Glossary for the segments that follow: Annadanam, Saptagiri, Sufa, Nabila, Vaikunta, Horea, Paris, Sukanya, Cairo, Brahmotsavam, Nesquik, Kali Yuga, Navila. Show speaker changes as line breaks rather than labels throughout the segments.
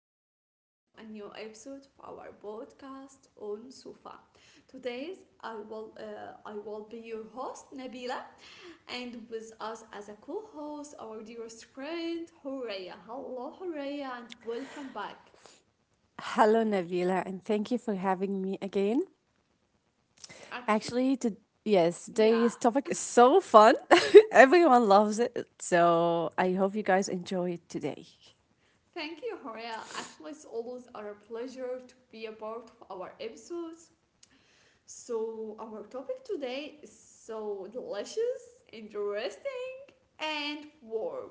welcome back to a new episode of our podcast on Sufa. Today's I will be your host Nabila, and with us as a co-host our dearest friend Horea. Hello, Horea, and welcome back.
Hello, Navila, and thank you for having me again.
Actually,
Actually, to, yes,
yeah.
today's topic is so fun. Everyone loves it. So I hope you guys enjoy it today.
Thank you, Horea. Actually, it's always our pleasure to be a part of our episodes. So, our topic today is so delicious, interesting, and warm.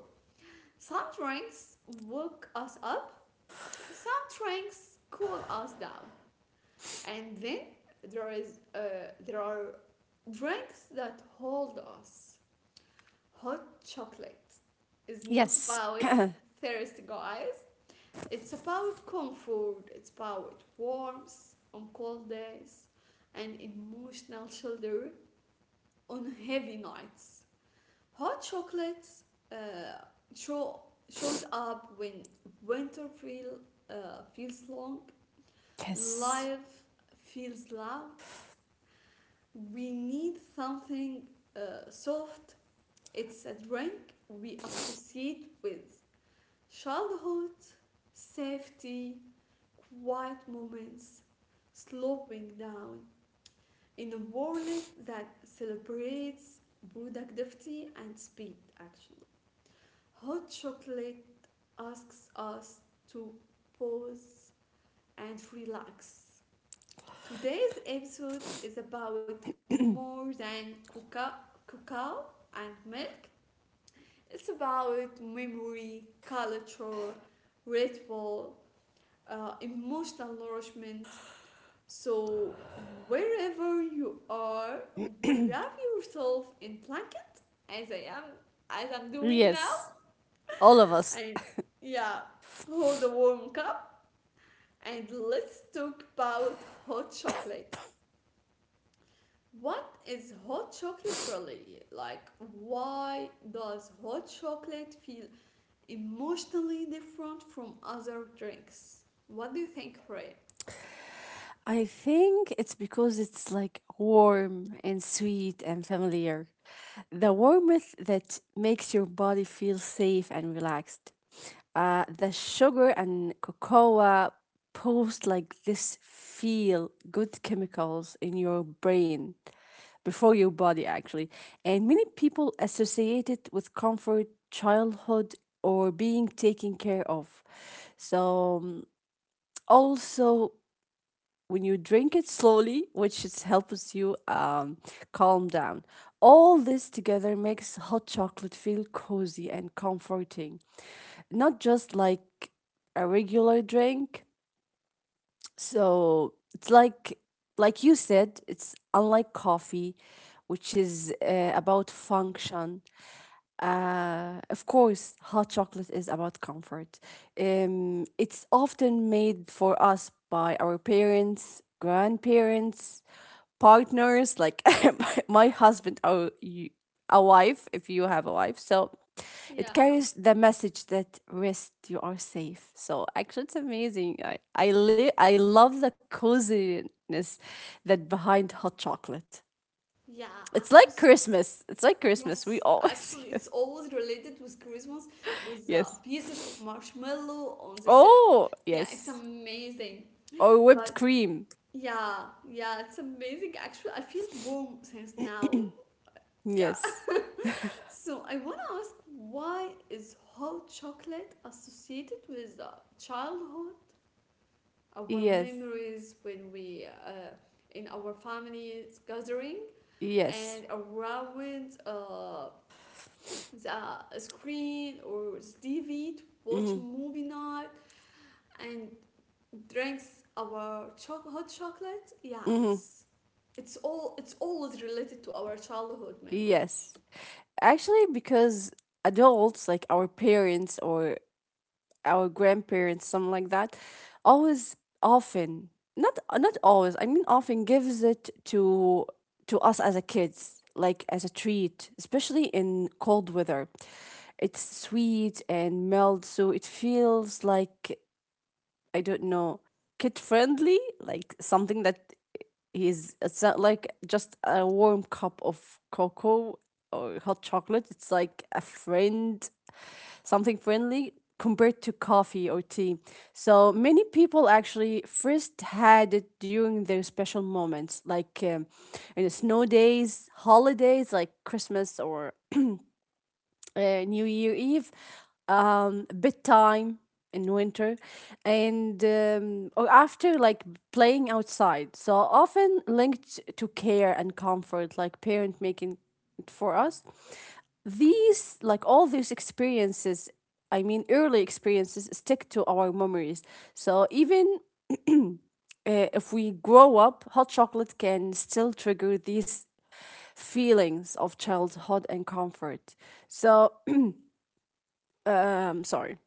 Some drinks wake us up, some drinks cool us down, and then there are drinks that hold us. Hot chocolate is not
Yes.
about thirst, guys. It's about comfort. It's about warmth on cold days and emotional shoulder on heavy nights. Hot chocolates uh, show, shows up when winter feels long,
Yes.
life feels loud. We need something soft. It's a drink we associate with childhood, safety, quiet moments, slowing down in a world that celebrates productivity and speed actually. Hot chocolate asks us to pause and relax. Today's episode is about more than cocoa, cacao and milk. It's about memory, culture, ritual, emotional nourishment. So wherever you are, wrap yourself in blanket as I am, as I'm doing now,
Yes. All of us.
and yeah, hold a warm cup. And let's talk about hot chocolate. What is hot chocolate really? Like, why does hot chocolate feel emotionally different from other drinks? What do you think, Ray?
I think it's because it's like warm and sweet and familiar. The warmth that makes your body feel safe and relaxed. The sugar and cocoa post like this feel good chemicals in your brain before your body actually, and many people associate it with comfort childhood or being taken care of, so also when you drink it slowly, which is helps you calm down. All this together makes hot chocolate feel cozy and comforting, not just like a regular drink. So it's like you said, it's unlike coffee, which is about function. Of course, hot chocolate is about comfort. It's often made for us by our parents, grandparents, partners, like my husband or you, a wife if you have a wife. So it
Yeah,
carries the message that rest, you are safe. So actually, it's amazing. I love the coziness that behind hot chocolate.
yeah,
It's
actually,
like Christmas. It's like Christmas. We
yes,
always
actually, it's
yes.
always related with Christmas with the
Yes.
pieces of marshmallow on the.
Oh,
Yeah, it's
yes.
amazing.
Or whipped
But
cream.
yeah, yeah, it's amazing. Actually, I feel warm since now. Yeah.
Yes.
So I want to ask why is hot chocolate associated with childhood, our
Yes.
memories when we in our families gathering
Yes.
and around the screen or TV to watch
Mhm.
movie night and drinks our choc hot chocolate. Yeah, it's always related to our childhood memory.
Yes. Actually, because adults like our parents or our grandparents, something like that, always often, not always, I mean often gives it to us as a kids, like as a treat, especially in cold weather. It's sweet and mild, so it feels like, I don't know, kid friendly, like something that is, it's not like just a warm cup of cocoa or hot chocolate. It's like a friend, something friendly compared to coffee or tea. So many people actually first had it during their special moments, like in the snow days, holidays like Christmas or New Year Eve, bedtime in winter, and or after like playing outside. So often linked to care and comfort, like parent making it for us. These, like all these experiences, I mean early experiences, stick to our memories. So even if we grow up, hot chocolate can still trigger these feelings of childhood and comfort. So, sorry.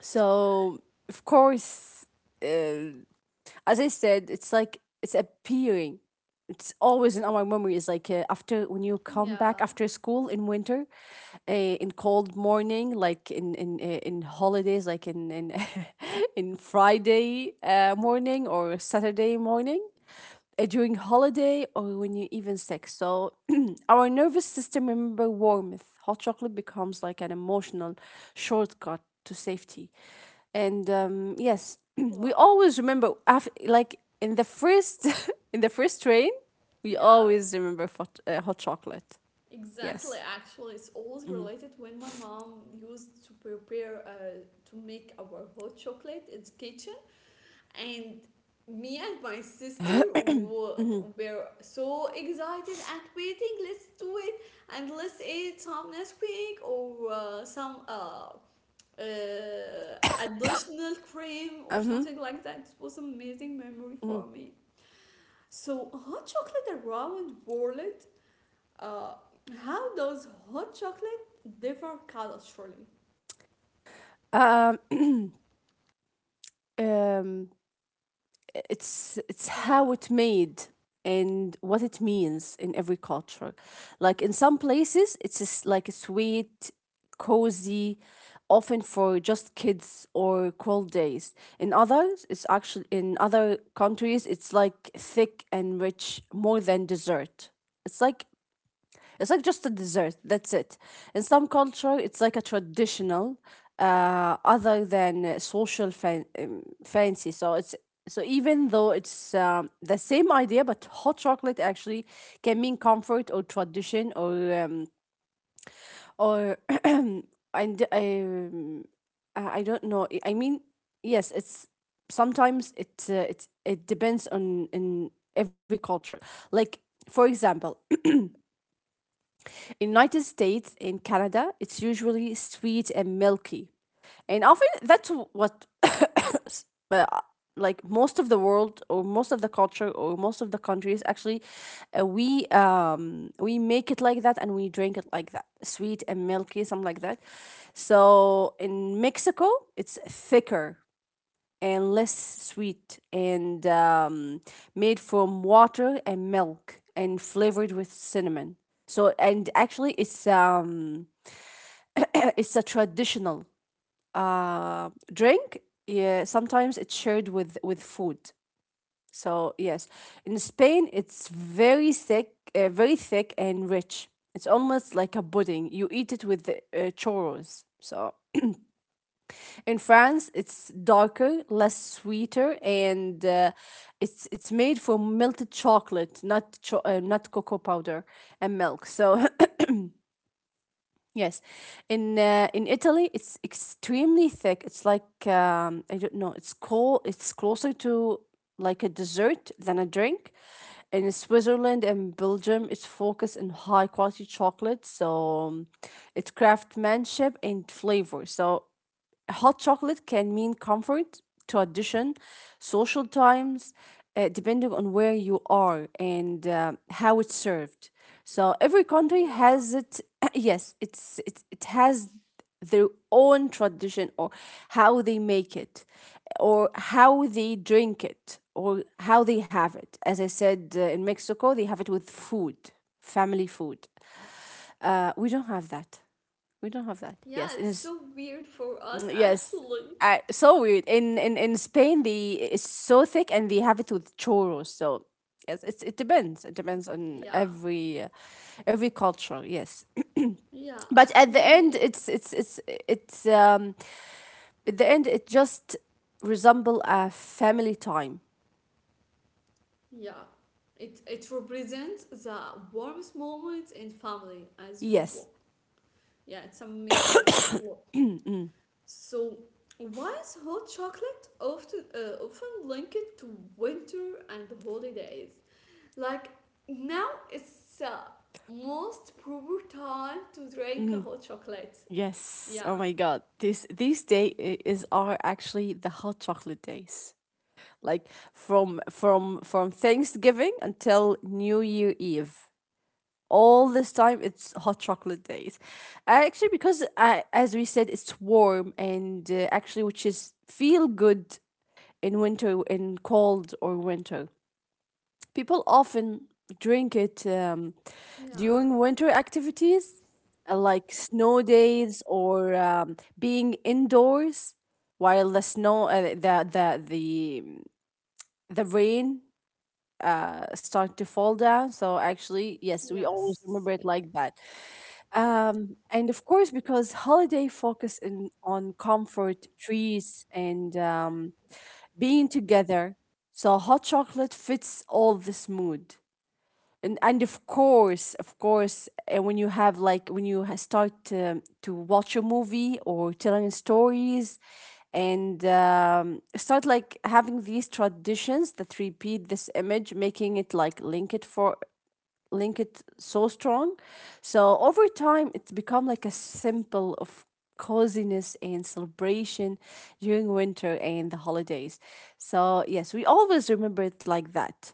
So, of course, as I said, it's like it's appearing. It's always in our memory. It's like after when you come
Yeah.
back after school in winter, uh, in cold morning, like in holidays, like in in Friday morning or Saturday morning, during holiday or when you're even sick. So our nervous system remember warmth. Hot chocolate becomes like an emotional shortcut to safety. And yes, we
Wow.
always remember after, like in the first in the first train, we
Yeah.
always remember hot chocolate.
Exactly.
Yes.
Actually, it's always related when my mom used to prepare to make our hot chocolate in the kitchen, and me and my sister were so excited and waiting. Let's do it and let's eat some Nesquik or some uh, additional cream or
Mm-hmm.
something like that. It was amazing memory
Mm-hmm.
for me. So hot chocolate around world, uh, how does hot chocolate differ culturally?
Um, um, it's
Yeah.
how it made and what it means in every culture. Like in some places, it's just like a sweet, cozy, often for just kids or cold days. In others, it's actually, in other countries, it's like thick and rich, more than dessert. It's like, it's like just a dessert. That's it. In some culture, it's like a traditional, other than social fancy. So it's, so even though it's the same idea, but hot chocolate actually can mean comfort or tradition or and I don't know. I mean, yes, it's sometimes it depends on in every culture. Like for example, in United States in Canada, it's usually sweet and milky. And often that's what uh, like most of the world or most of the culture or most of the countries actually we make it like that and we drink it like that, sweet and milky, something like that. So in Mexico, it's thicker and less sweet and made from water and milk and flavored with cinnamon. So, and actually it's a traditional drink. Yeah, sometimes it's shared with food. So yes, in Spain it's very thick and rich. It's almost like a pudding. You eat it with churros. So in France, it's darker, less sweeter, and it's made from melted chocolate, not cocoa powder and milk. So yes, in Italy, it's extremely thick. It's like I don't know. It's cold. It's closer to like a dessert than a drink. In Switzerland and Belgium, it's focused on high quality chocolate, so um, it's craftsmanship and flavor. So hot chocolate can mean comfort, tradition, social times, depending on where you are and how it's served. So every country has it. Yes, it has their own tradition, or how they make it, or how they drink it, or how they have it. As I said, in Mexico, they have it with food, family food. We don't have that. We don't have that.
Yeah,
Yes, it
it's
is.
so weird for us
Mm, yes.
actually.
I, so weird. In Spain, they, it's so thick and they have it with churros. So yes, it's, it depends. It depends on
Yeah.
every culture. Yes,
Yeah,
but at the
actually,
end,
uh,
it's at the end it just resemble a family time.
yeah. It it represents the warmest moments in family as you
Yes.
walk. Yeah, it's amazing actually. So, why is hot chocolate often linked to winter and holidays? Like now it's most proper time to drink hot chocolate.
Yes. Oh
Yeah.
my God. This these day I- is are actually the hot chocolate days. Like from Thanksgiving until New Year Eve. All this time it's hot chocolate days. Actually because I, as we said it's warm and actually which is feel good in winter, in cold or winter people often drink it
Yeah.
during winter activities, like snow days or being indoors while the snow the rain start to fall down, so actually yes we always
Yes.
remember it like that. And of course, because holiday focus in, on comfort, trees, and being together. So hot chocolate fits all this mood. And of course, when you have, like when you start to watch a movie or telling stories and start like having these traditions that repeat this image, making it like link it so strong. So over time, it's become like a symbol of coziness and celebration during winter and the holidays. So yes, we always remember it like that.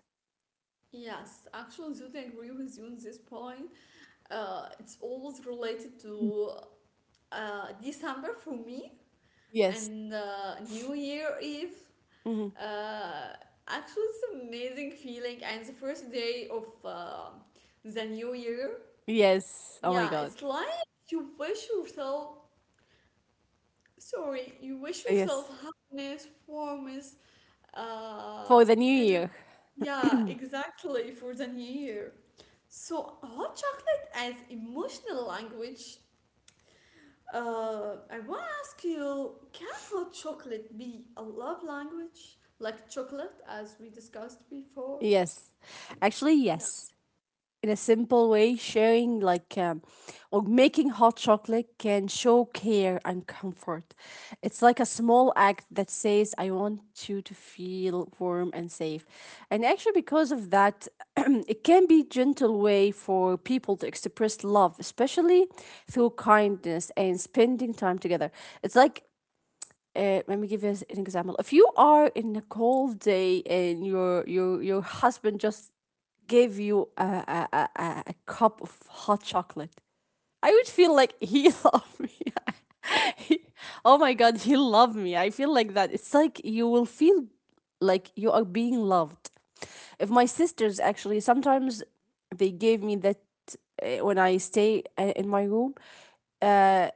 Yes. Actually, totally agree with you on this point. It's always related to December for me
Yes.
and New Year Eve.
Hmm.
Uh, Actually, it's an amazing feeling and the first day of the new year.
Yes. Oh
Yeah,
my
it's
God.
like you wish yourself. Sorry, you wish yourself
Yes.
happiness, warmth, uh,
For the new
and
year.
yeah, exactly for the new year. So, hot chocolate as emotional language. I want to ask you, can hot chocolate be a love language? Like chocolate, as we discussed before?
Yes. Actually,
Yeah.
yes. In a simple way, sharing like or making hot chocolate can show care and comfort. It's like a small act that says, I want you to feel warm and safe. And actually, because of that, it can be gentle way for people to express love, especially through kindness and spending time together. It's like let me give you an example. If you are in a cold day and your husband just gave you a cup of hot chocolate, I would feel like he loved me. He- oh my god, he loved me. I feel like that. It's like you will feel like you are being loved. If my sisters actually sometimes they gave me that, when I stay in my room. Uh,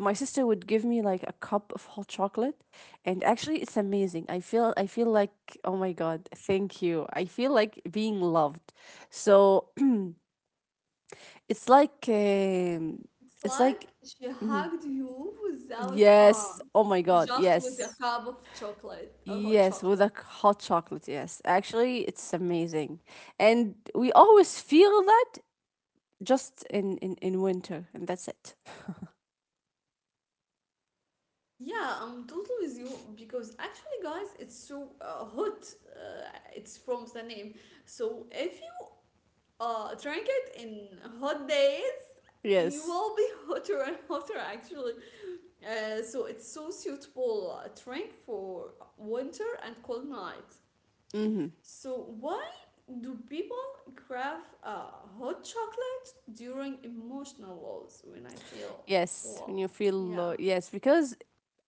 my sister would give me like a cup of hot chocolate, and actually it's amazing. I feel, I feel like, oh my god, thank you, I feel like being loved. So it's like um,
It's
it's like
like she hugged you without
yes,
arms,
oh my god,
just with a
yes.
cup of chocolate, a hot
Yes, with a
chocolate.
hot chocolate, yes, actually it's amazing. And we always feel that just in winter and that's it.
Yeah, I'm totally with you because actually, guys, it's so hot. Uh, it's from the name. So if you drink it in hot days, you
Yes.
will be hotter and hotter actually. So it's so suitable drink for winter and cold night. So why do people crave hot chocolate during emotional lows? When I feel
Yes, when
low,
you feel
yeah.
yes, because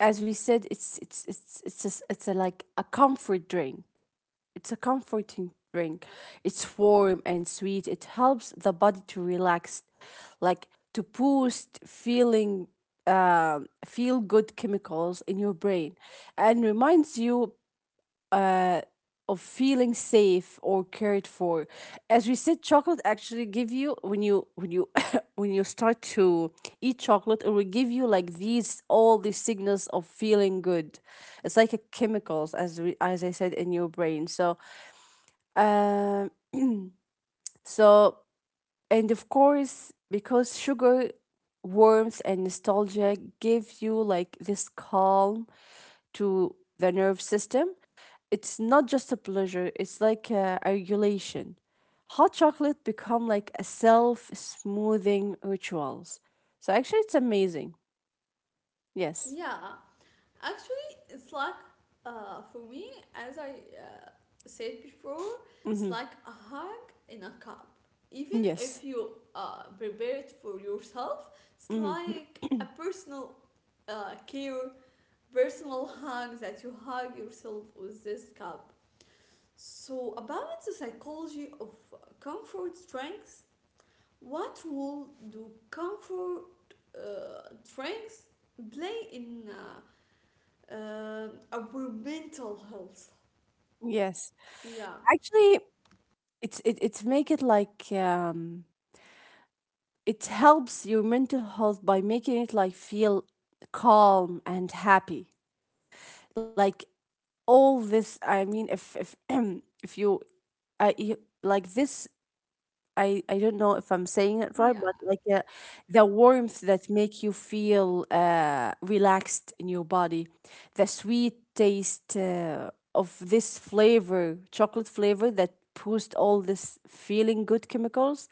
as we said, it's just, it's a, like a comfort drink. It's a comforting drink. It's warm and sweet. It helps the body to relax, like to boost feeling, feel good chemicals in your brain, and reminds you uh, of feeling safe or cared for. As we said chocolate actually give you when you when you start to eat chocolate it will give you like these, all these signals of feeling good. It's like a chemicals, as we, as I said, in your brain. So um so, and of course because sugar, warmth and nostalgia give you like this calm to the nerve system. It's not just a pleasure, it's like a regulation. Hot chocolate become like a self-smoothing rituals. So actually it's amazing. Yes.
Yeah, actually, it's like for me, as I said before, it's
Mm-hmm.
like a hug in a cup. Even
Yes.
if you prepare it for yourself, it's
Mm-hmm.
like a personal care, personal hug that you hug yourself with this cup. So, about the psychology of comfort drinks, what role do comfort drinks play in our mental health.
Yes.
Yeah,
Actually, it's make it like it helps your mental health by making it like feel calm and happy. Like all this, I mean, if if you like this, I don't know if I'm saying it right, but
yeah,
like the warmth that make you feel relaxed in your body, the sweet taste of this flavor, chocolate flavor that boost all this feeling good chemicals,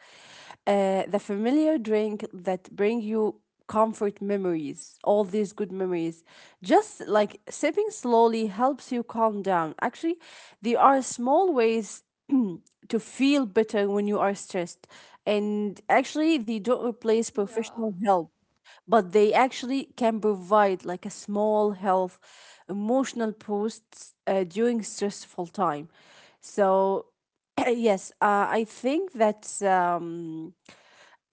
the familiar drink that bring you comfort memories, all these good memories. Just like sipping slowly helps you calm down. Actually, there are small ways to feel better when you are stressed. And actually, they don't replace
yeah.
professional help, but they actually can provide like a small health, emotional boosts during stressful time. So, yes, I think that.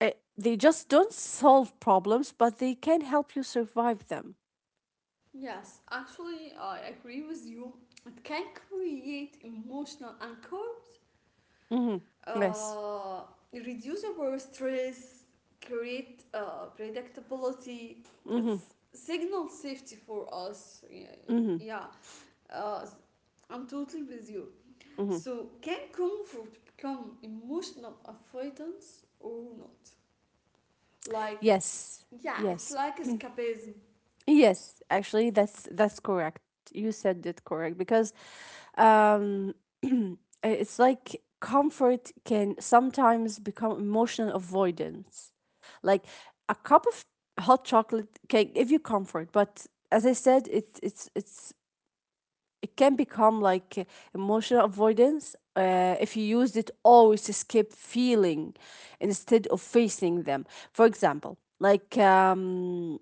They just don't solve problems, but they can help you survive them.
Yes, actually, I agree with you. It can create emotional anchors,
Hmm. Yes.
uh, reduce our stress, create predictability.
Hmm.
It's signal safety for us. Yeah,
Hmm.
yeah. Uh, I'm totally with you.
Hmm.
So, can comfort become emotional avoidance or not? Like,
Yes.
yeah, it's
Yes.
like escapism.
Yes. Actually, that's correct. You said it correct because um, eh, it's like comfort can sometimes become emotional avoidance. Like a cup of hot chocolate can give you comfort, but as I said, it can become like emotional avoidance if you use it always to skip feeling instead of facing them. For example, like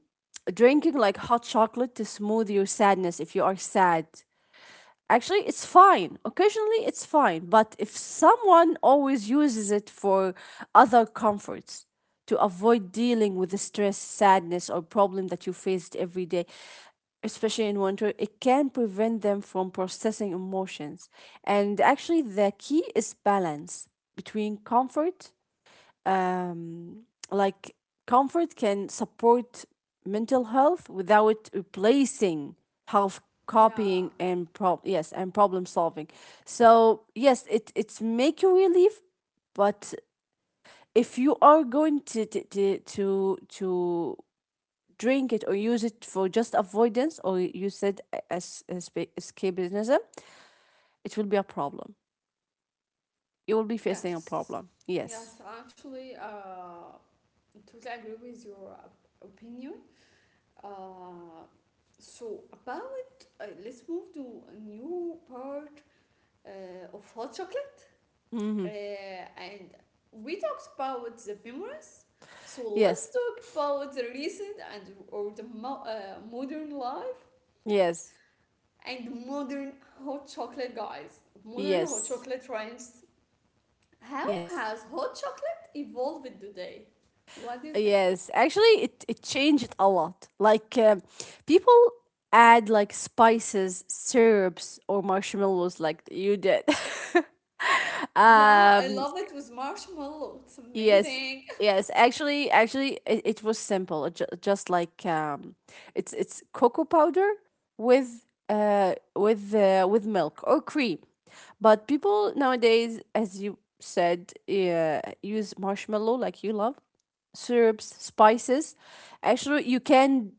drinking like hot chocolate to smooth your sadness. If you are sad, actually it's fine, occasionally it's fine. But if someone always uses it for other comforts, to avoid dealing with the stress, sadness, or problem that you faced every day, especially in winter, it can prevent them from processing emotions. And actually the key is balance between comfort. um, like, comfort can support mental health without replacing health copying
Yeah,
and prob yes, and problem solving. So yes, it's make you relief. But if you are going to drink it or use it for just avoidance, or you said, as escapism, it will be a problem. You will be facing a
yes,
problem. Yes.
yes. Actually, I totally agree with your opinion. Uh, so about let's move to a new part of hot chocolate,
Hmm.
and we talked about the memories. So let's
Yes.
talk about the recent and or the modern life
Yes.
and modern hot chocolate, guys. Modern hot
Yes.
chocolate trends. How
Yes.
has hot chocolate evolved today? What do you think?
Yes. Actually, it changed a lot. Like, people add like spices, syrups, or marshmallows, like you did.
Yeah, I
um,
love it with marshmallow. It's
Yes,
amazing.
yes. Actually, it was simple. Just like it's cocoa powder with milk or cream, but people nowadays, as you said, use marshmallow like you love, syrups, spices. Actually, you can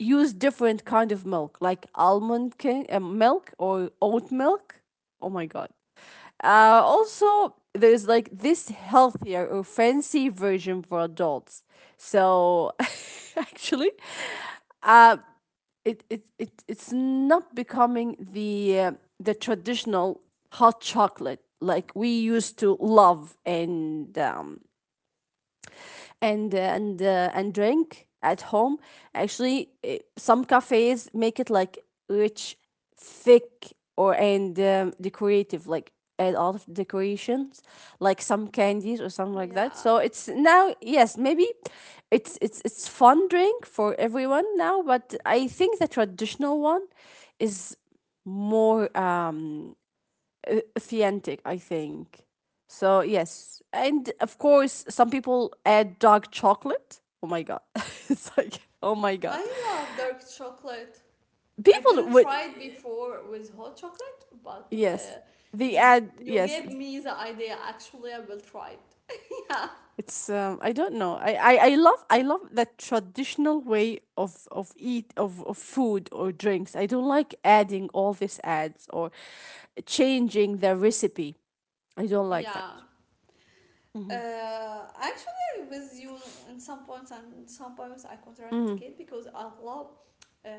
use different kind of milk like almond king, milk or oat milk. Oh my god. Also, there's like this healthier or fancy version for adults, so actually, uh, it it's not becoming the traditional hot chocolate like we used to love and drink at home. Actually, some cafes make it like rich, thick, or and decorative, like add all of decorations, like some candies or something like that.
Yeah,
So it's now, yes, maybe it's fun drink for everyone now, but I think the traditional one is more authentic, I think. So, yes. And of course, some people add dark chocolate. Oh my God. It's like, oh my God.
I love dark chocolate. I
People
didn't
would,
try it before with hot chocolate,
yes, they
you
add,
you
yes.
gave me the idea. Actually, I will try it.
It's I don't know. I love that traditional way of eat of food or drinks. I don't like adding all these ads or changing the recipe. I don't like that.
Yeah.
Hmm.
Actually, I'm with you in some points and some points I
Hmm.
contraindicate because I love uh,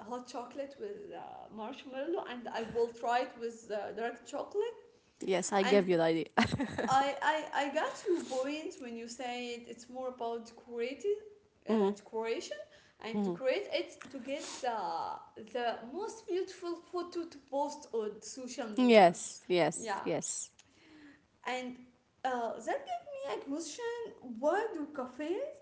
hot chocolate with marshmallow and I will try it with dark chocolate.
Yes, I
And
give you the idea.
I got your point when you say it's more about decorating, decoration and to create it to get the most beautiful photo to post on social media.
Yes,
Yeah.
yes, yes,
And that gave me a question, why do cafes,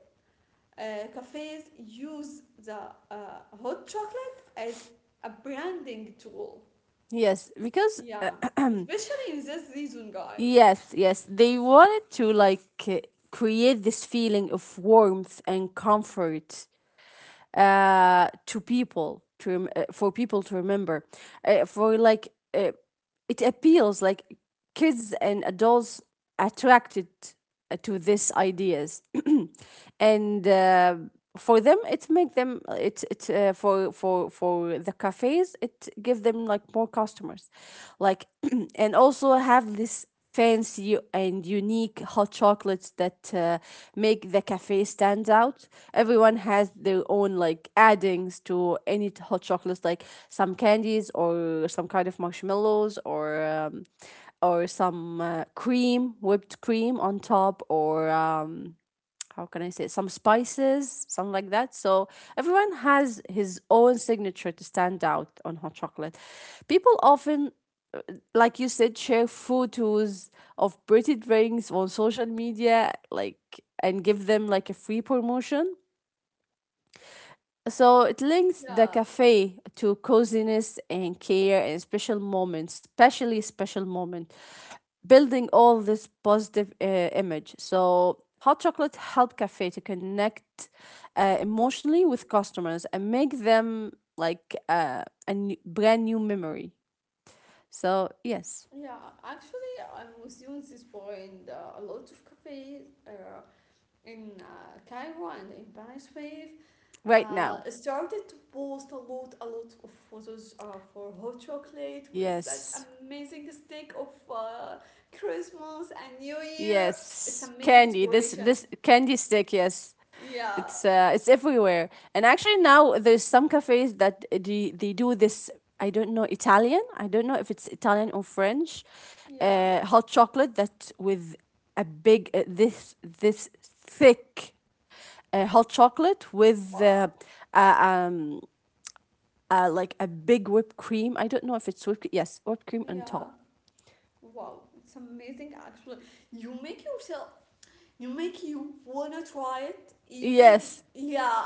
uh, cafes use the hot chocolate as a branding tool?
yes. Because
Yeah, especially in this season, guys.
yes, yes, they wanted to, like, uh, create this feeling of warmth and comfort to people to for people to remember for, like, uh, it appeals like kids and adults attracted to these ideas. And for them it make them it it for for the cafes, it give them like more customers, like, and also have this fancy and unique hot chocolates that make the cafe stand out. Everyone has their own like addings to hot chocolates, like some candies or some kind of marshmallows, or some cream, whipped cream on top, or how can I say, some spices, something like that. So everyone has his own signature to stand out on hot chocolate. People often, like you said, share photos of pretty drinks on social media, like, and give them like a free promotion. So it links the
Yeah,
cafe to coziness and care and special moments, especially special moment, building all this positive image. So hot chocolate help cafe to connect emotionally with customers and make them like a new, brand new memory. So yes,
yeah, actually, I'm with you on this point. A lot of cafes in Cairo and in Paris.
right now.
I started to post a lot of photos for hot chocolate with that
Yes.
amazing stick of uh, Christmas and New Year. It's
Yes.
amazing
Candy. This
decoration.
this candy stick, yes.
Yeah,
It's everywhere. And actually now there's some cafes that they do this, I don't know, Italian. I don't know if it's Italian or French.
yeah,
Hot chocolate that with a big, this thick, hot chocolate with
wow,
uh, um like a big whipped cream. I don't know if it's whipped, yes, whipped cream on
yeah,
top.
wow. It's amazing actually. You make yourself, you make you wanna try it. Even
Yes.
yeah,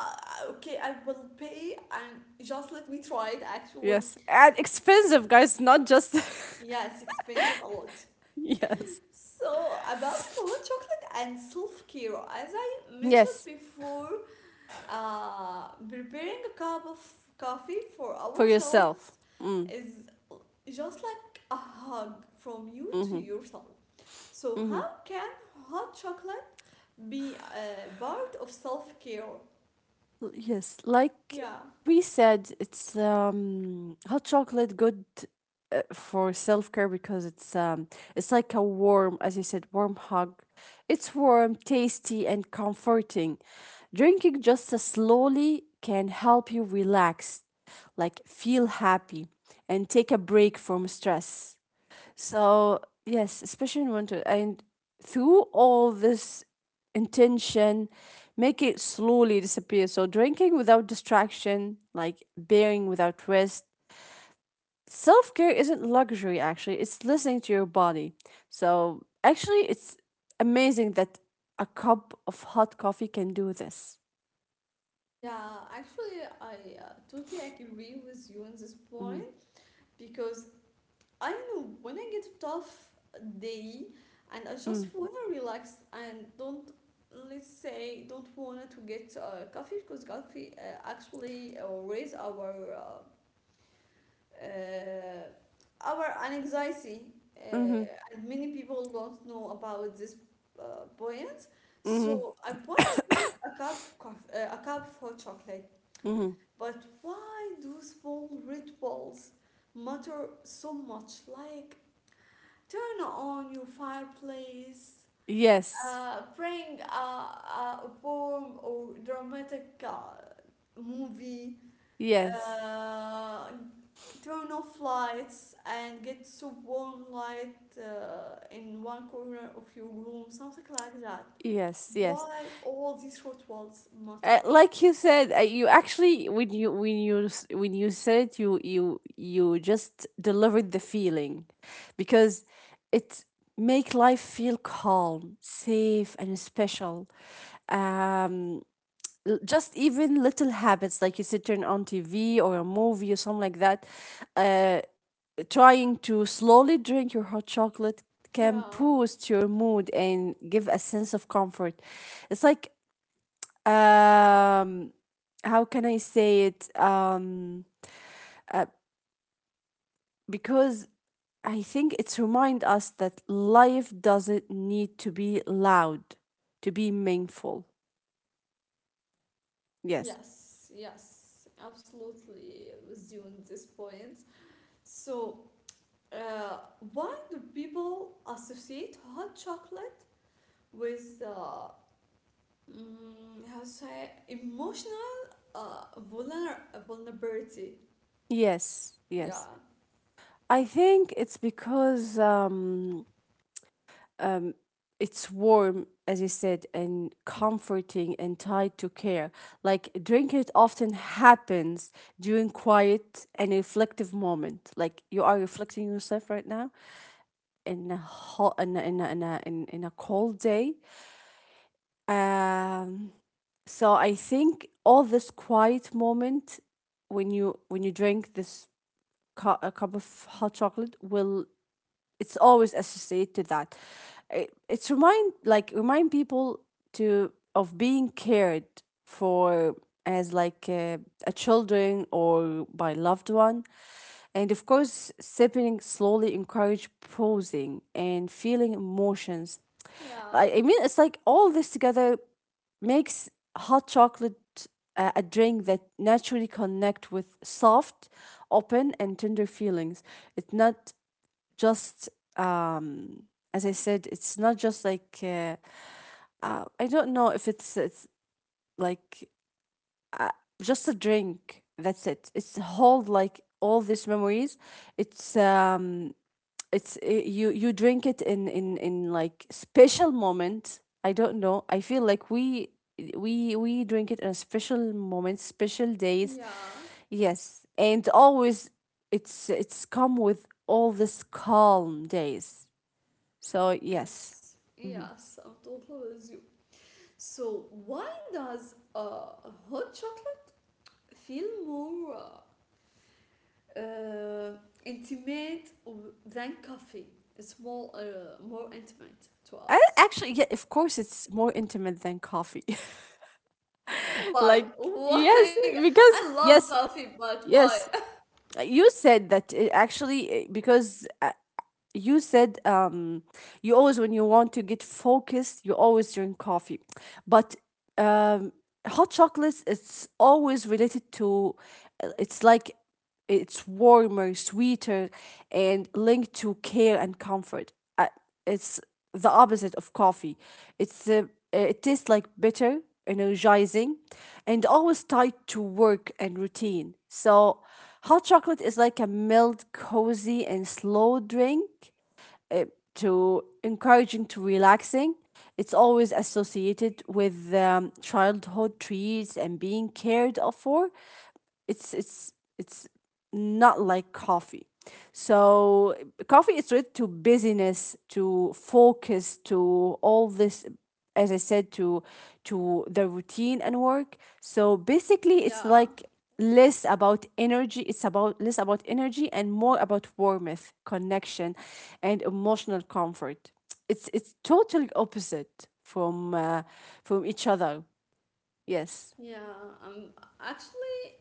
okay, I will pay and just let me try it actually.
Yes. And expensive, guys, not just.
Yeah, it's expensive a lot.
Yes.
So, about hot chocolate and self care, as I mentioned
Yes.
before, preparing a cup of coffee for
For yourself.
ourselves
Mm.
is just like a hug from you to
Mm-hmm.
yourself. So,
Mm-hmm.
how can hot chocolate be a part of self care?
Yes. Like
Yeah.
we said, it's hot chocolate good for self care because it's like a warm, as you said, warm hug. It's warm, tasty, and comforting. Drinking just as slowly can help you relax, like feel happy, and take a break from stress. So, yes, especially in winter. And through all this intention, make it slowly disappear. So, drinking without distraction, like bearing without rest. Self care isn't luxury, actually, it's listening to your body. So, actually, it's amazing that a cup of hot coffee can do this.
Yeah, actually, I totally agree with you on this point because I know when I get a tough day and I just
Mm.
wanna relax and don't, let's say don't wanna to get coffee because coffee actually raise our anxiety uh,
Mm-hmm.
and many people don't know about this point.
Mm-hmm.
So I wanna drink a cup of coffee, a cup of hot chocolate,
Mm-hmm.
but why do small rituals matter so much? Like turn on your fireplace.
Yes.
Bring a warm or dramatic movie.
Yes.
Uh, Turn off lights and get some warm light in one corner of your room, something like that.
Yes. Yes.
Why all these rituals matter?
Like you said, you actually when you when you said it, you just delivered the feeling, because it make life feel calm, safe, and special. Um, just even little habits like you said, turn on TV or a movie or something like that. Uh, Trying to slowly drink your hot chocolate can
Yeah.
boost your mood and give a sense of comfort. It's like, um how can I say it, uh, because I think it's remind us that life doesn't need to be loud to be meaningful. Yes.
Yes. Yes. Absolutely, with you on this point. So Uh, why do people associate hot chocolate with how to say emotional uh, vulner- vulnerability?
Yes.
Yeah,
Yes. I think it's because, um it's warm, as you said, and comforting and tied to care. Like drinking it often happens during quiet and reflective moment, like you are reflecting yourself right now, in a hot in a cold day. Um, so I think all this quiet moment when you drink a cup of hot chocolate will, it's always associated to that. It's remind, like, remind people to of being cared for, as like a children or by loved one. And of course, sipping slowly encourage pausing and feeling emotions.
yeah,
I mean, it's like all this together makes hot chocolate a drink that naturally connect with soft, open, and tender feelings. It's not just, um as I said, it's not just like, I don't know if it's like just a drink. That's it. It's hold like all these memories. It's um it's You drink it in, like, special moment. I don't know. I feel like we drink it in a special moment, special days.
yeah,
Yes, and always it's come with all this calm days. So yes.
yes, yes. I'm totally with you. So why does hot chocolate feel more uh, intimate than coffee? It's more intimate to
I,
us.
actually, yeah, of course, it's more intimate than coffee.
Why?
Like, yes,
Why?
because,
I love
yes,
coffee, but why?
yes, you said that, actually, because. You said, you always when you want to get focused you always drink coffee. But um, hot chocolates, it's always related to, it's like, it's warmer, sweeter, and linked to care and comfort. I, It's the opposite of coffee. It tastes like bitter, energizing, and always tied to work and routine. So, hot chocolate is like a mild, cozy, and slow drink, uh, to encouraging to relaxing. It's always associated with, childhood treats and being cared of for. It's not like coffee. So coffee is related to busyness, to focus, to all this, as I said, to the routine and work. So basically it's
Yeah,
like less about energy, it's about less about energy, and more about warmth, connection, and emotional comfort. It's totally opposite from, from each other. Yes.
yeah. Um, actually,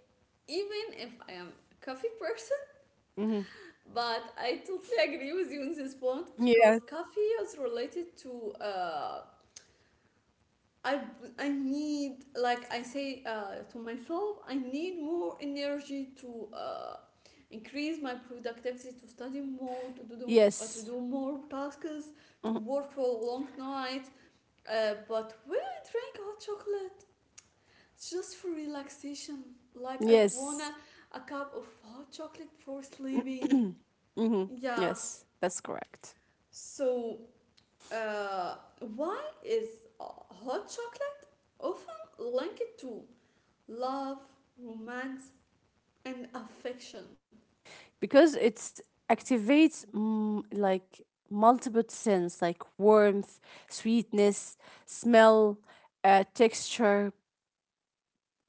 even if I am a coffee person,
Hmm.
but I totally agree with you on this point because
Yes.
coffee is related to I I need like I say to myself, I need more energy to increase my productivity, to study more, to
Yes.
do more tasks, to
Mhm.
work for a long night. But when I drink hot chocolate, it's just for relaxation. Like I wanna
Yes.
a cup of hot chocolate for sleeping.
Hmm.
Yeah.
Yes, that's correct.
So why is hot chocolate often linked to love, romance, and affection?
Because it activates, like, multiple sense like warmth, sweetness, smell, texture.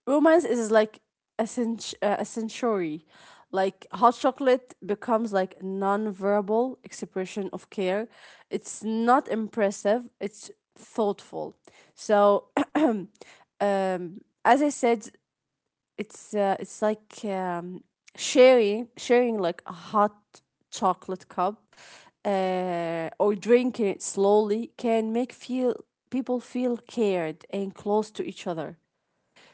Romance is like a sensory. Like hot chocolate becomes like non-verbal expression of care. It's not impressive. It's thoughtful. So um, as I said, it's like, sharing like a hot chocolate cup, or drinking it slowly can make feel people feel cared and close to each other.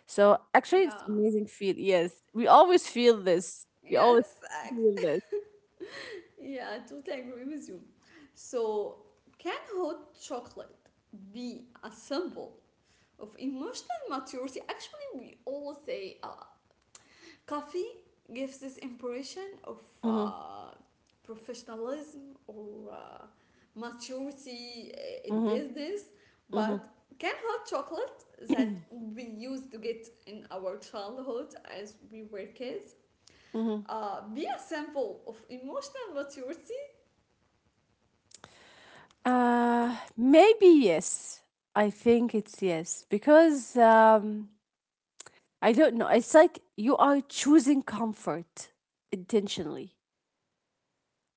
So actually it's
Yeah.
amazing feel, yes. We always feel this. We always
Yes.
feel
ex-
this.
Yeah, I totally agree with you. So can hot chocolate be a symbol of emotional maturity? Actually we all say coffee gives this impression of
Mm-hmm,
professionalism or maturity in
mm-hmm,
business,
mm-hmm,
but can hot chocolate that we used to get in our childhood as we were kids
mm-hmm.
be a sample of emotional maturity?
Maybe yes. I think it's yes because, I don't know. It's like you are choosing comfort intentionally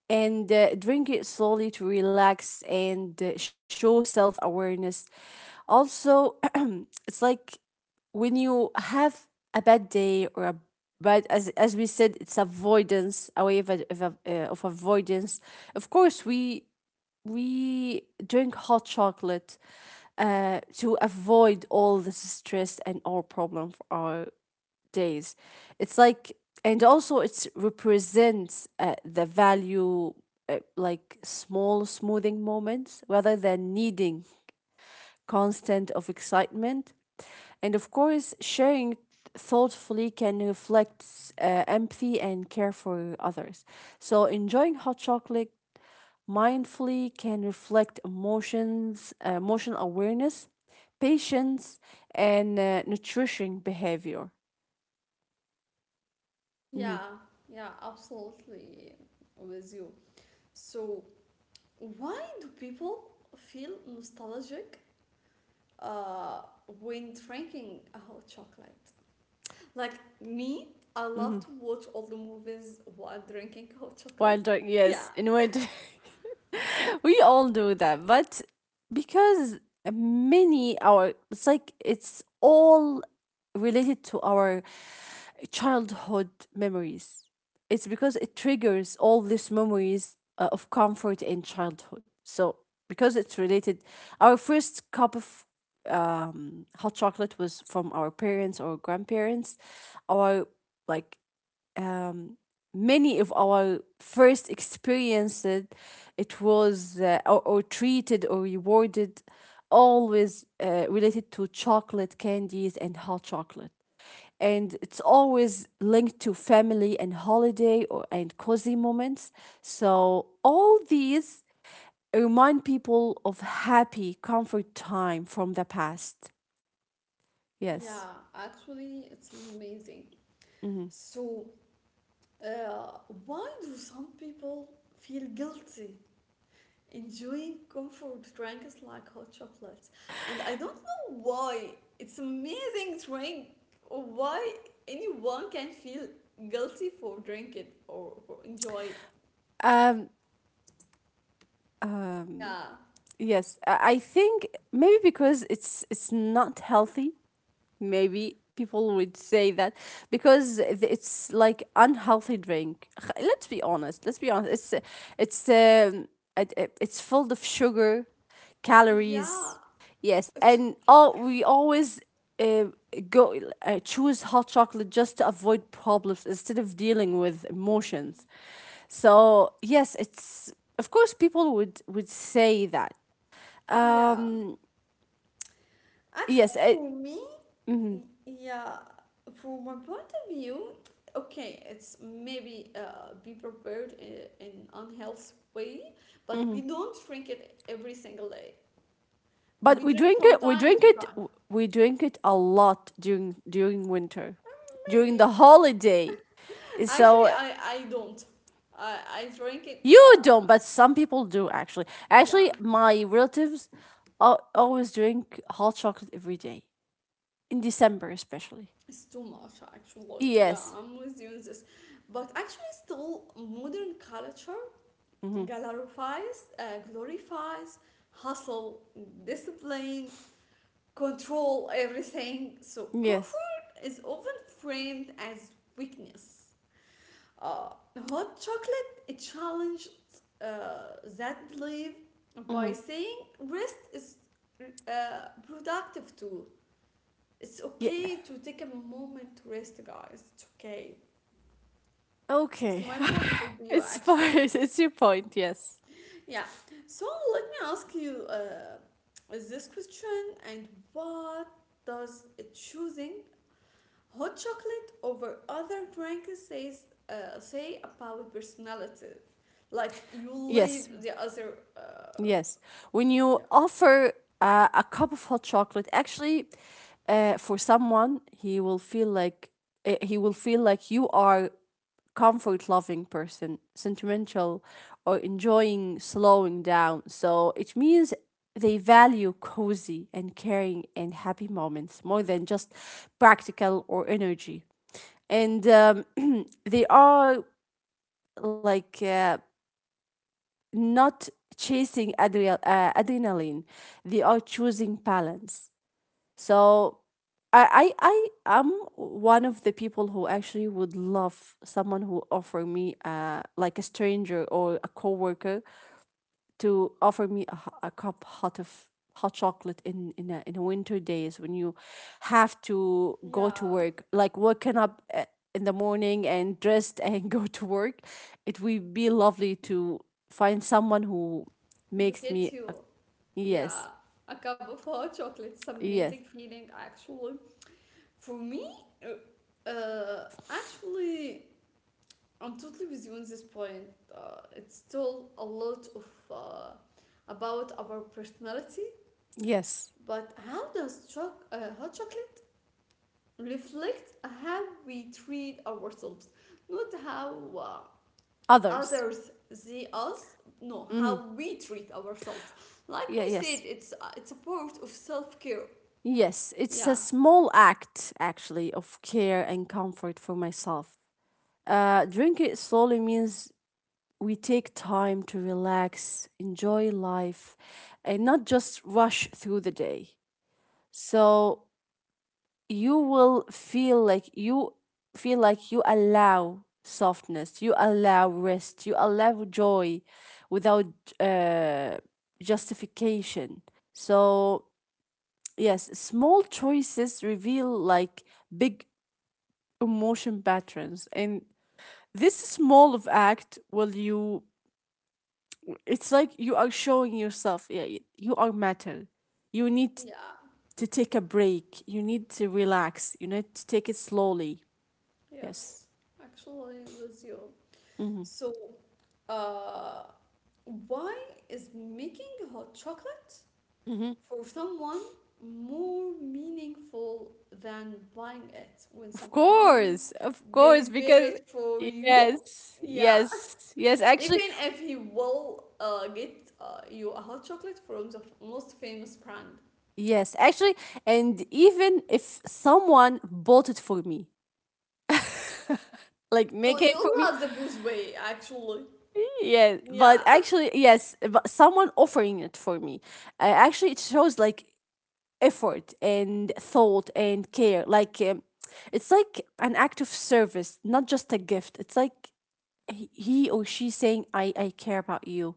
and drink it slowly to relax and show self awareness. Also, it's like when you have a bad day or a, but as we said, it's avoidance, a way of avoidance. Of course, we drink hot chocolate to avoid all this stress and all problem for our days. It's like, and also it represents the value, like small smoothing moments rather than needing constant of excitement. And of course, sharing thoughtfully can reflect empathy and care for others. So enjoying hot chocolate mindfully can reflect emotions, emotional awareness, patience, and nutrition behavior. Mhm.
Yeah, yeah, absolutely with you. So why do people feel nostalgic uh, when drinking hot chocolate? Like me, I love to watch all the movies while drinking hot
While
chocolate.
drunk,
Yeah,
yes, in winter, we all do that. But because many our, it's like it's all related to our childhood memories. It's because it triggers all these memories of comfort in childhood. So because it's related, our first cup of hot chocolate was from our parents or grandparents. Our, like, um, many of our first experiences, it was or treated or rewarded, always related to chocolate candies and hot chocolate, and it's always linked to family and holiday or and cozy moments. So all these remind people of happy comfort time from the past. Yes.
yeah, actually, it's amazing. So, uh, why do some people feel guilty enjoying comfort drinks like hot chocolates. And I don't know why it's amazing drink, or why anyone can feel guilty for drinking or for enjoy.
um, uh,
Yeah.
Yes, I think maybe because it's not healthy. Maybe people would say that because it's like unhealthy drink. Let's be honest. Let's be honest. It's um, it's full of sugar,
Yeah.
calories. Yes,
It's
and
okay.
all we always uh, go choose hot chocolate just to avoid problems instead of dealing with emotions. So yes, it's, of course, people would say that,
Yeah.
um,
Actually
yes, I,
for me,
mhm.
yeah, from my point of view, okay, it's maybe be prepared in unhealthy way, but we don't drink it every single day.
But
We
we
drink
drink
from
it. We
time
drink
to
it.
time.
We drink it a lot during winter, during
Maybe.
the holiday.
Actually,
So
I don't. I I drink it.
you don't, but some people do actually.
Yeah,
Actually, my relatives always drink hot chocolate every day in December, especially.
it's too much actually. Yeah,
Yes.
I'm with you in this. But actually, still modern culture
Hmm.
glorifies hustle, discipline, control everything. So
Yes.
comfort is often framed as weakness. Uh, Hot chocolate it challenged that belief by
Hmm.
saying rest is productive too. It's
Yeah.
okay to take a moment to rest, guys. It's okay. It's
Okay.
my point of view,
It's
actually.
fine. It's your point. Yes.
Yeah. So let me ask you this question and what does choosing hot chocolate over other drinks says say about personality. Like you
Yes.
leave the other
Yes. When you
yeah,
offer a cup of hot chocolate, actually, for someone, he will feel like you are comfort loving person, sentimental or enjoying slowing down. So it means they value cozy and caring and happy moments more than just practical or energy. And they are like, not chasing adrenaline. They are choosing balance. So I am one of the people who actually would love someone who offer me like a stranger or a coworker to offer me a cup hot of hot chocolate in a winter days when you have to go to
yeah
work, like waking up in the morning and dressed and go to work. It would be lovely to find someone who
to
makes me
get you
a, yes,
yeah a cup of hot chocolate. It's
yes,
amazing feeling actually. For me, actually, I'm totally with you on this point. It's still a lot of about our personality,
yes,
but how does hot chocolate reflect how we treat ourselves, not how
others.
others see us. No,
Mm,
how we treat ourselves. Like
yeah,
we said,
yes,
it's a part of self care.
yes, it's a
Yeah,
small act actually of care and comfort for myself. Drink it slowly means we take time to relax, enjoy life, and not just rush through the day. So you feel like you allow softness, you allow rest, you allow joy without, uh, justification. So yes, small choices reveal like big emotion patterns, and this small of act will you, it's like you are showing yourself, yeah, you are matter, you need
yeah,
to take a break, you need to relax, you need to take it slowly. Yes.
yes, actually, with you.
Hmm.
So, uh, why is making hot chocolate
Hmm.
for someone more meaningful than buying it. When someone
Of course,
prepare
because
it for you,
yes,
yeah.
yes, yes. Actually,
Even if he will get you a hot chocolate from the most famous brand.
yes, actually, and even if someone bought it for me like
So
make it for
you
me.
love the booze way, actually.
Yeah, but
Yeah.
actually, yes, but someone offering it for me, actually it shows like effort and thought and care, like, it's like an act of service, not just a gift. It's like he or she saying I care about you,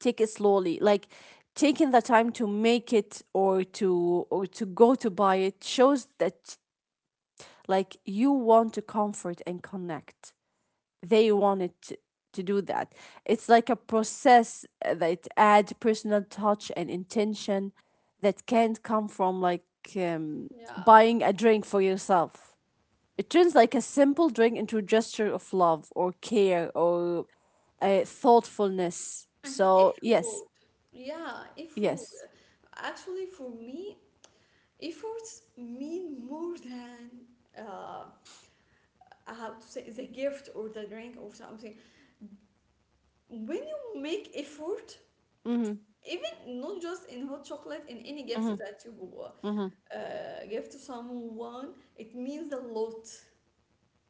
take it slowly, like taking the time to make it or to go to buy it shows that, like, you want to comfort and connect, they wanted to do that. It's like a process that add personal touch and intention that can't come from, like, um,
Yeah.
buying a drink for yourself. It turns like a simple drink into a gesture of love or care or, thoughtfulness.
And
So yes,
effort. Yeah, effort.
yes.
Actually, for me, efforts mean more than uh, how to say the gift or the drink or something when you make effort
Mhm.
even not just in hot chocolate in any gift
Mhm.
that you uh,
Mhm.
give to someone it means a lot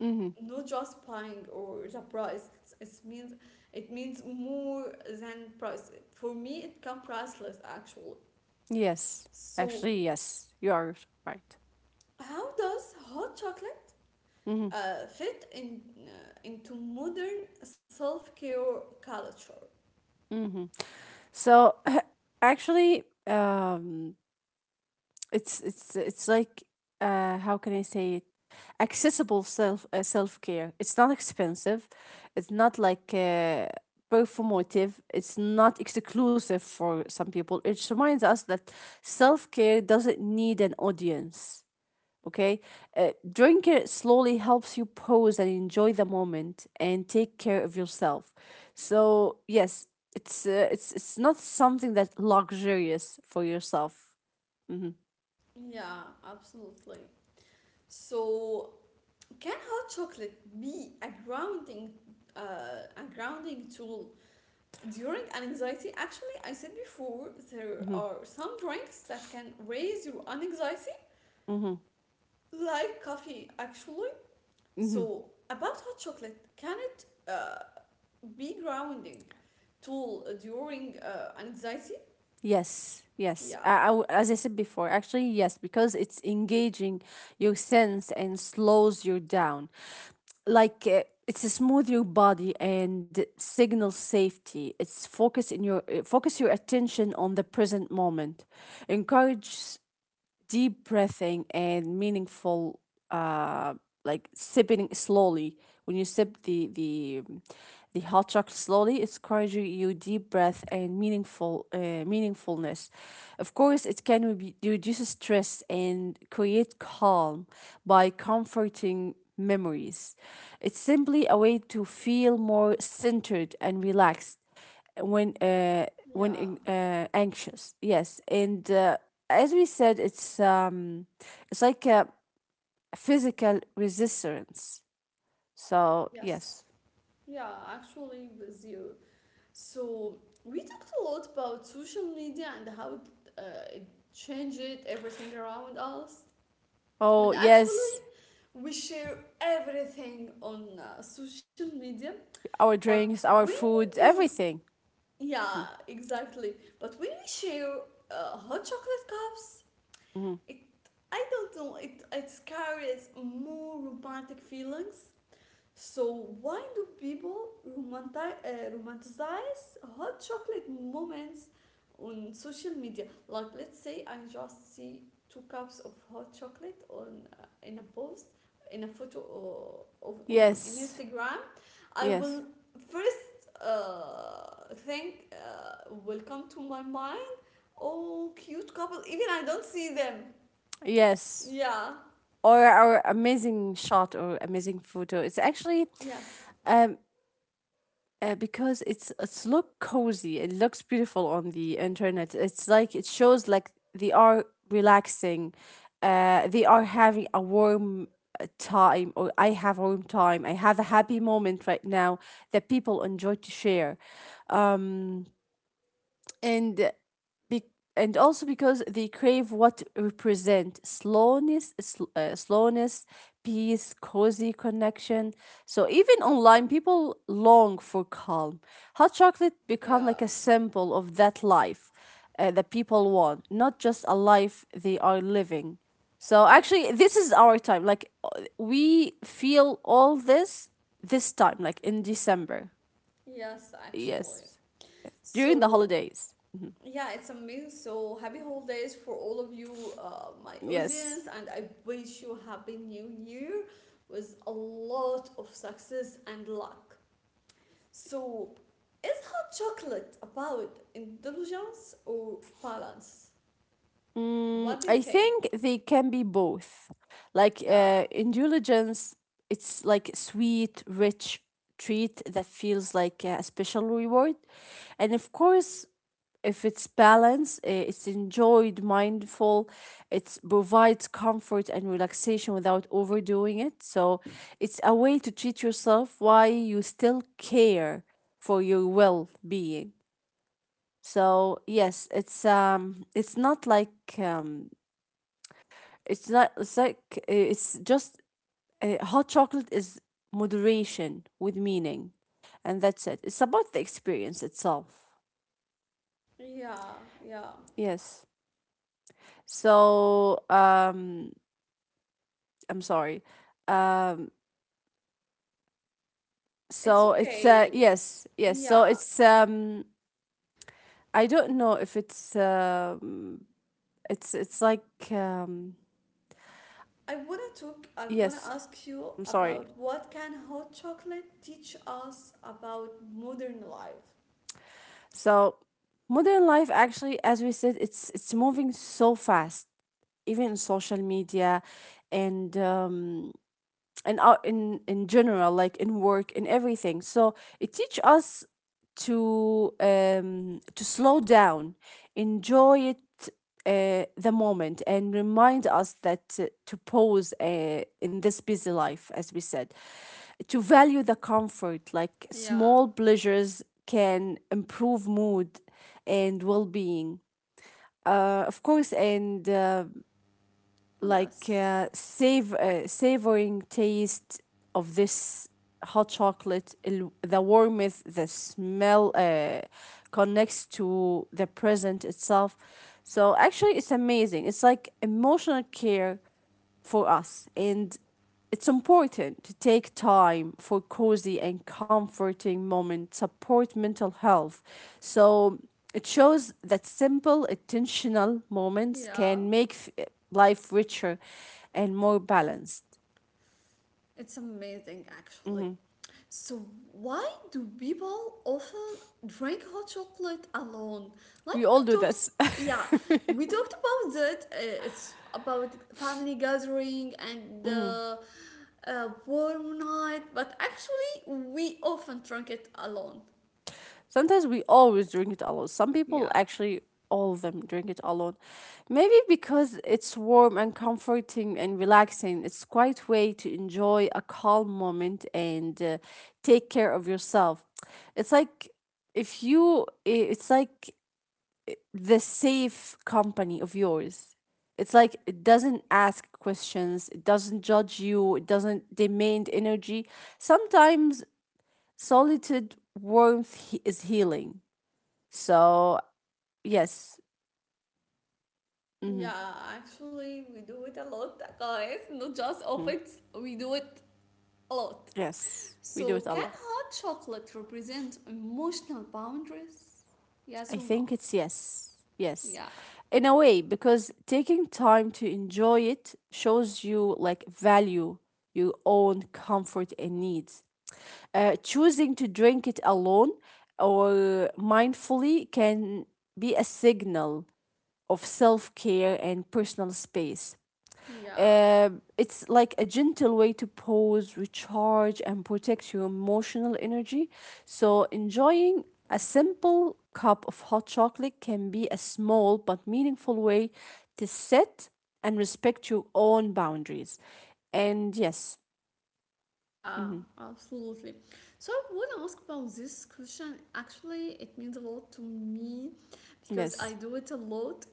Mhm.
not just buying or the price it means it means more than price for me it can priceless actually
Yes.
so
Actually, yes. You are right.
how does hot chocolate
Mhm.
fit in into modern self-care culture
Mhm. So actually, it's like, how can I say it? Accessible self care. It's not expensive. It's not like, performative. It's not exclusive for some people. It reminds us that self care doesn't need an audience. Okay, drink it slowly helps you pause and enjoy the moment and take care of yourself. So yes, it's not something that luxurious for yourself.
yeah absolutely. So, can hot chocolate be a grounding tool during anxiety? Actually, I said before there
Mm-hmm.
are some drinks that can raise your anxiety,
Mm-hmm.
like coffee. Actually,
Mm-hmm.
so about hot chocolate, can it be grounding tool during anxiety?
Yes, yes.
Yeah,
As I said before, actually, yes, because it's engaging your sense and slows you down. Like, it's a smooth your body and signal safety. It's focus your attention on the present moment. Encourage deep breathing and meaningful, uh like sipping slowly. When you sip the hot chocolate slowly, it's encouraging you deep breath and meaningful, meaningfulness. Of course it can reduce stress and create calm by comforting memories. It's simply a way to feel more centered and relaxed when,
yeah,
anxious. Yes, and, as we said, it's, it's like a physical resistance. So
yes,
yes.
yeah. Actually, with you. So we talked a lot about social media and how it changed everything around us.
Oh
And actually,
yes,
we share everything on social media.
our
But
drinks, our
when
food,
we,
everything.
yeah,
Mhm.
exactly. But when we share hot chocolate cups,
Hmm.
it, I don't know, it carries more romantic feelings so why do people romanticize hot chocolate moments on social media? Like let's say I just see two cups of hot chocolate on in a post in a photo or, of, on in
Yes,
Instagram. I
yes,
will first think will come to my mind. Oh, cute couple. Even I don't see them.
yes,
Yeah.
or our amazing shot or amazing photo, it's actually,
Yes.
um because it's look cozy. It looks beautiful on the internet. It's like it shows like they are relaxing. They are having a warm, time, or I have warm time. I have a happy moment right now that people enjoy to share and, be- and also because they crave what represent slowness, slowness, peace, cozy, connection. So even online people long for calm, hot chocolate become
Yeah.
like a symbol of that life, that people want, not just a life they are living. So
Yeah.
actually this is our time, like, we feel all this time like in December.
Yes, actually.
Yes, during the
So
holidays.
yeah, it's amazing. So happy holidays for all of you, my
Yes.
audience, and I wish you happy new year with a lot of success and luck. So, is hot chocolate about indulgence or balance?
Mm,
What do you
I
think?
think they can be both. Like,
Yeah,
indulgence, it's like sweet, rich treat that feels like a special reward. And of course, if it's balanced, it's enjoyed, mindful, it provides comfort and relaxation without overdoing it. So it's a way to treat yourself while you still care for your well being. So yes, it's not like, it's not. It's like, it's just, hot chocolate is moderation with meaning, and that's it. It's about the experience itself.
yeah, yeah.
Yes. So, I'm sorry. Um,
It's
so it's,
okay.
yes, yes. So
Yeah.
it's, I don't know if it's, it's like, um,
I wanna
yes.
ask you
I'm sorry.
about what can hot chocolate teach us about modern life?
So modern life, actually, as we said, it's moving so fast, even in social media and, in general, like in work, in everything. So it teach us to, to slow down, enjoy it, the moment, and remind us that, to pause, in this busy life, as we said, to value the comfort, like
Yeah.
small pleasures can improve mood and well-being, of course. And, like
Yes.
save savoring taste of this hot chocolate, the warmth, the smell, connects to the present itself. So actually it's amazing, it's like emotional care for us. And it's important to take time for cozy and comforting moments, support mental health. So it shows that simple, intentional moments
Yeah.
can make life richer and more balanced.
It's amazing, actually.
Mhm.
So, why do people often drink hot chocolate alone? Like
We
we
all do
talked,
this.
yeah, we talked about it. It's about family gathering and warm night, but actually, we often drink it alone.
Sometimes we always drink it alone. Some people
Yeah.
actually, all of them drink it alone. Maybe because it's warm and comforting and relaxing. It's quite way to enjoy a calm moment and, take care of yourself. It's like, if you I- it's like the safe company of yours. It's like it doesn't ask questions, it doesn't judge you, it doesn't demand energy. Sometimes solitude warmth is healing. So, yes, mm-hmm.
Yeah, actually, we do it a lot, guys. Not just often, we do it a lot.
Yes, we do
So,
it a
can
lot.
hot chocolate represent emotional boundaries? Yes
I
or no?
think it's yes. Yes.
Yeah,
In a way, because taking time to enjoy it shows you, like, value your own comfort and needs. Choosing to drink it alone or mindfully can be a signal of self care and personal space.
yeah,
It's like a gentle way to pause, recharge, and protect your emotional energy. So, enjoying a simple cup of hot chocolate can be a small but meaningful way to set and respect your own boundaries. And yes,
yeah,
mhm,
absolutely. So, I want to ask about this question. Actually, it means a lot to me because I
yes,
do it a lot.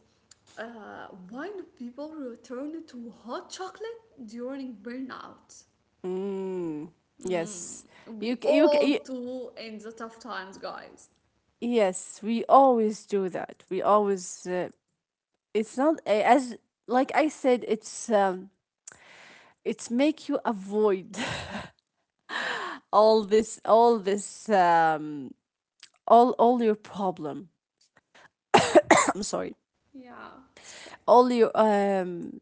Why do people return to hot chocolate during burnout?
mm,
Mm,
yes,
we
you,
all do in the tough times, guys.
yes, we always do that. We always, it's not as, like I said, it's. It make you avoid all this, all your problem, I'm sorry,
Yeah, it's okay.
all your,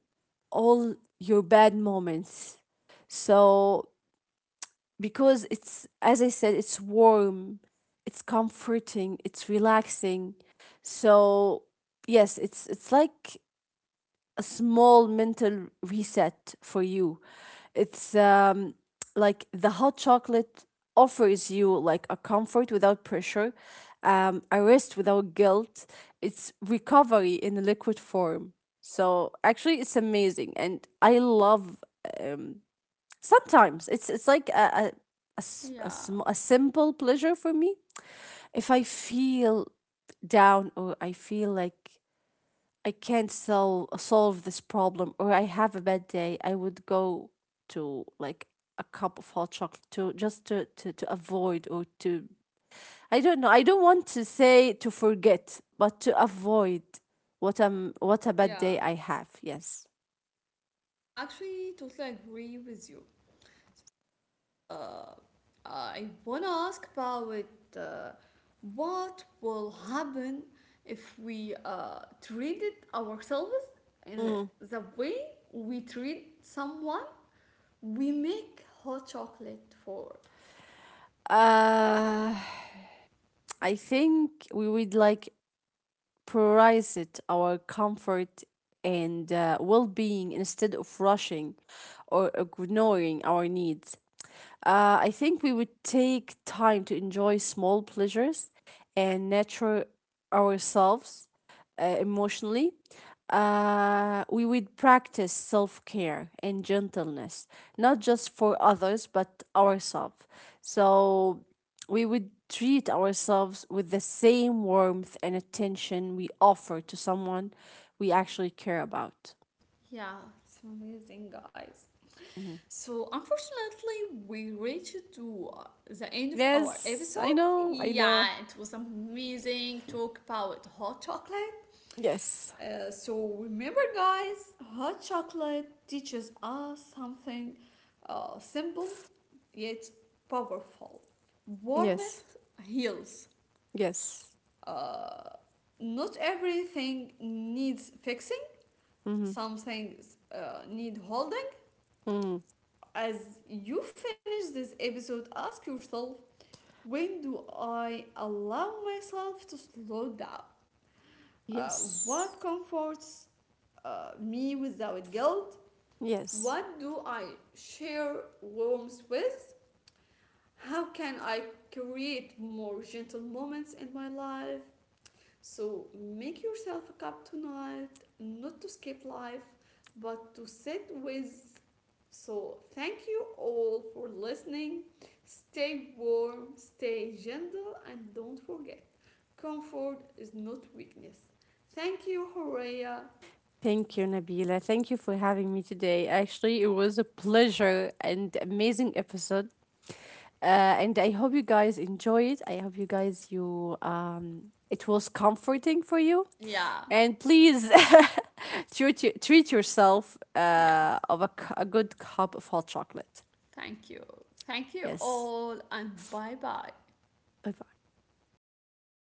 all your bad moments. So because it's, as I said, it's warm, it's comforting, it's relaxing. So yes, it's like a small mental reset for you. It's, like the hot chocolate offers you like a comfort without pressure, a rest without guilt. It's recovery in a liquid form. So actually, it's amazing, and I love. Um, Sometimes it's like a, s- a
Yeah,
sm- a simple pleasure for me. If I feel down or I feel like I can't solve this problem or I have a bad day, I would go to, like, a cup of hot chocolate to just to avoid or to. I don't know. I don't want to say to forget, but to avoid what, what a bad
yeah.
day I have. Yes.
Actually, totally agree with you. I wanna ask about uh, what will happen if we treated ourselves in
Mm.
the way we treat someone we make hot chocolate for.
Uh, I think we would, like, prioritized our comfort and, well being instead of rushing or ignoring our needs. I think we would take time to enjoy small pleasures and nurture ourselves, emotionally. We would practice self care and gentleness, not just for others, but ourselves. So we would treat ourselves with the same warmth and attention we offer to someone we actually care about.
Yeah, it's amazing, guys.
Mhm.
So, unfortunately, we reached to the end of our
Yes, I
episode.
know, I
Yeah,
know.
it was amazing talk about hot chocolate.
Yes,
So remember, guys, hot chocolate teaches us something simple yet powerful.
yes,
Warmth heals.
yes.
Uh, Not everything needs fixing.
Hmm.
Some things need holding.
Mm.
As you finish this episode, ask yourself when do I allow myself to slow down? Uh,
Yes,
what comforts me without guilt?
yes.
What do I share rooms with? How can I create more gentle moments in my life? So make yourself a cup tonight, not to skip life, but to sit with. So thank you all for listening. Stay warm, stay gentle, and don't forget comfort is not weakness. Thank you, Horea.
Thank you, Nabila. Thank you for having me today. Actually, it was a pleasure and amazing episode. Uh, and I hope you guys enjoy it. I hope you guys, you it was comforting for you.
Yeah.
And please treat yourself,
Yes.
of a, a good cup of hot chocolate.
Thank you. Thank you
Yes.
all, and bye bye.
Bye bye.
Goodbye.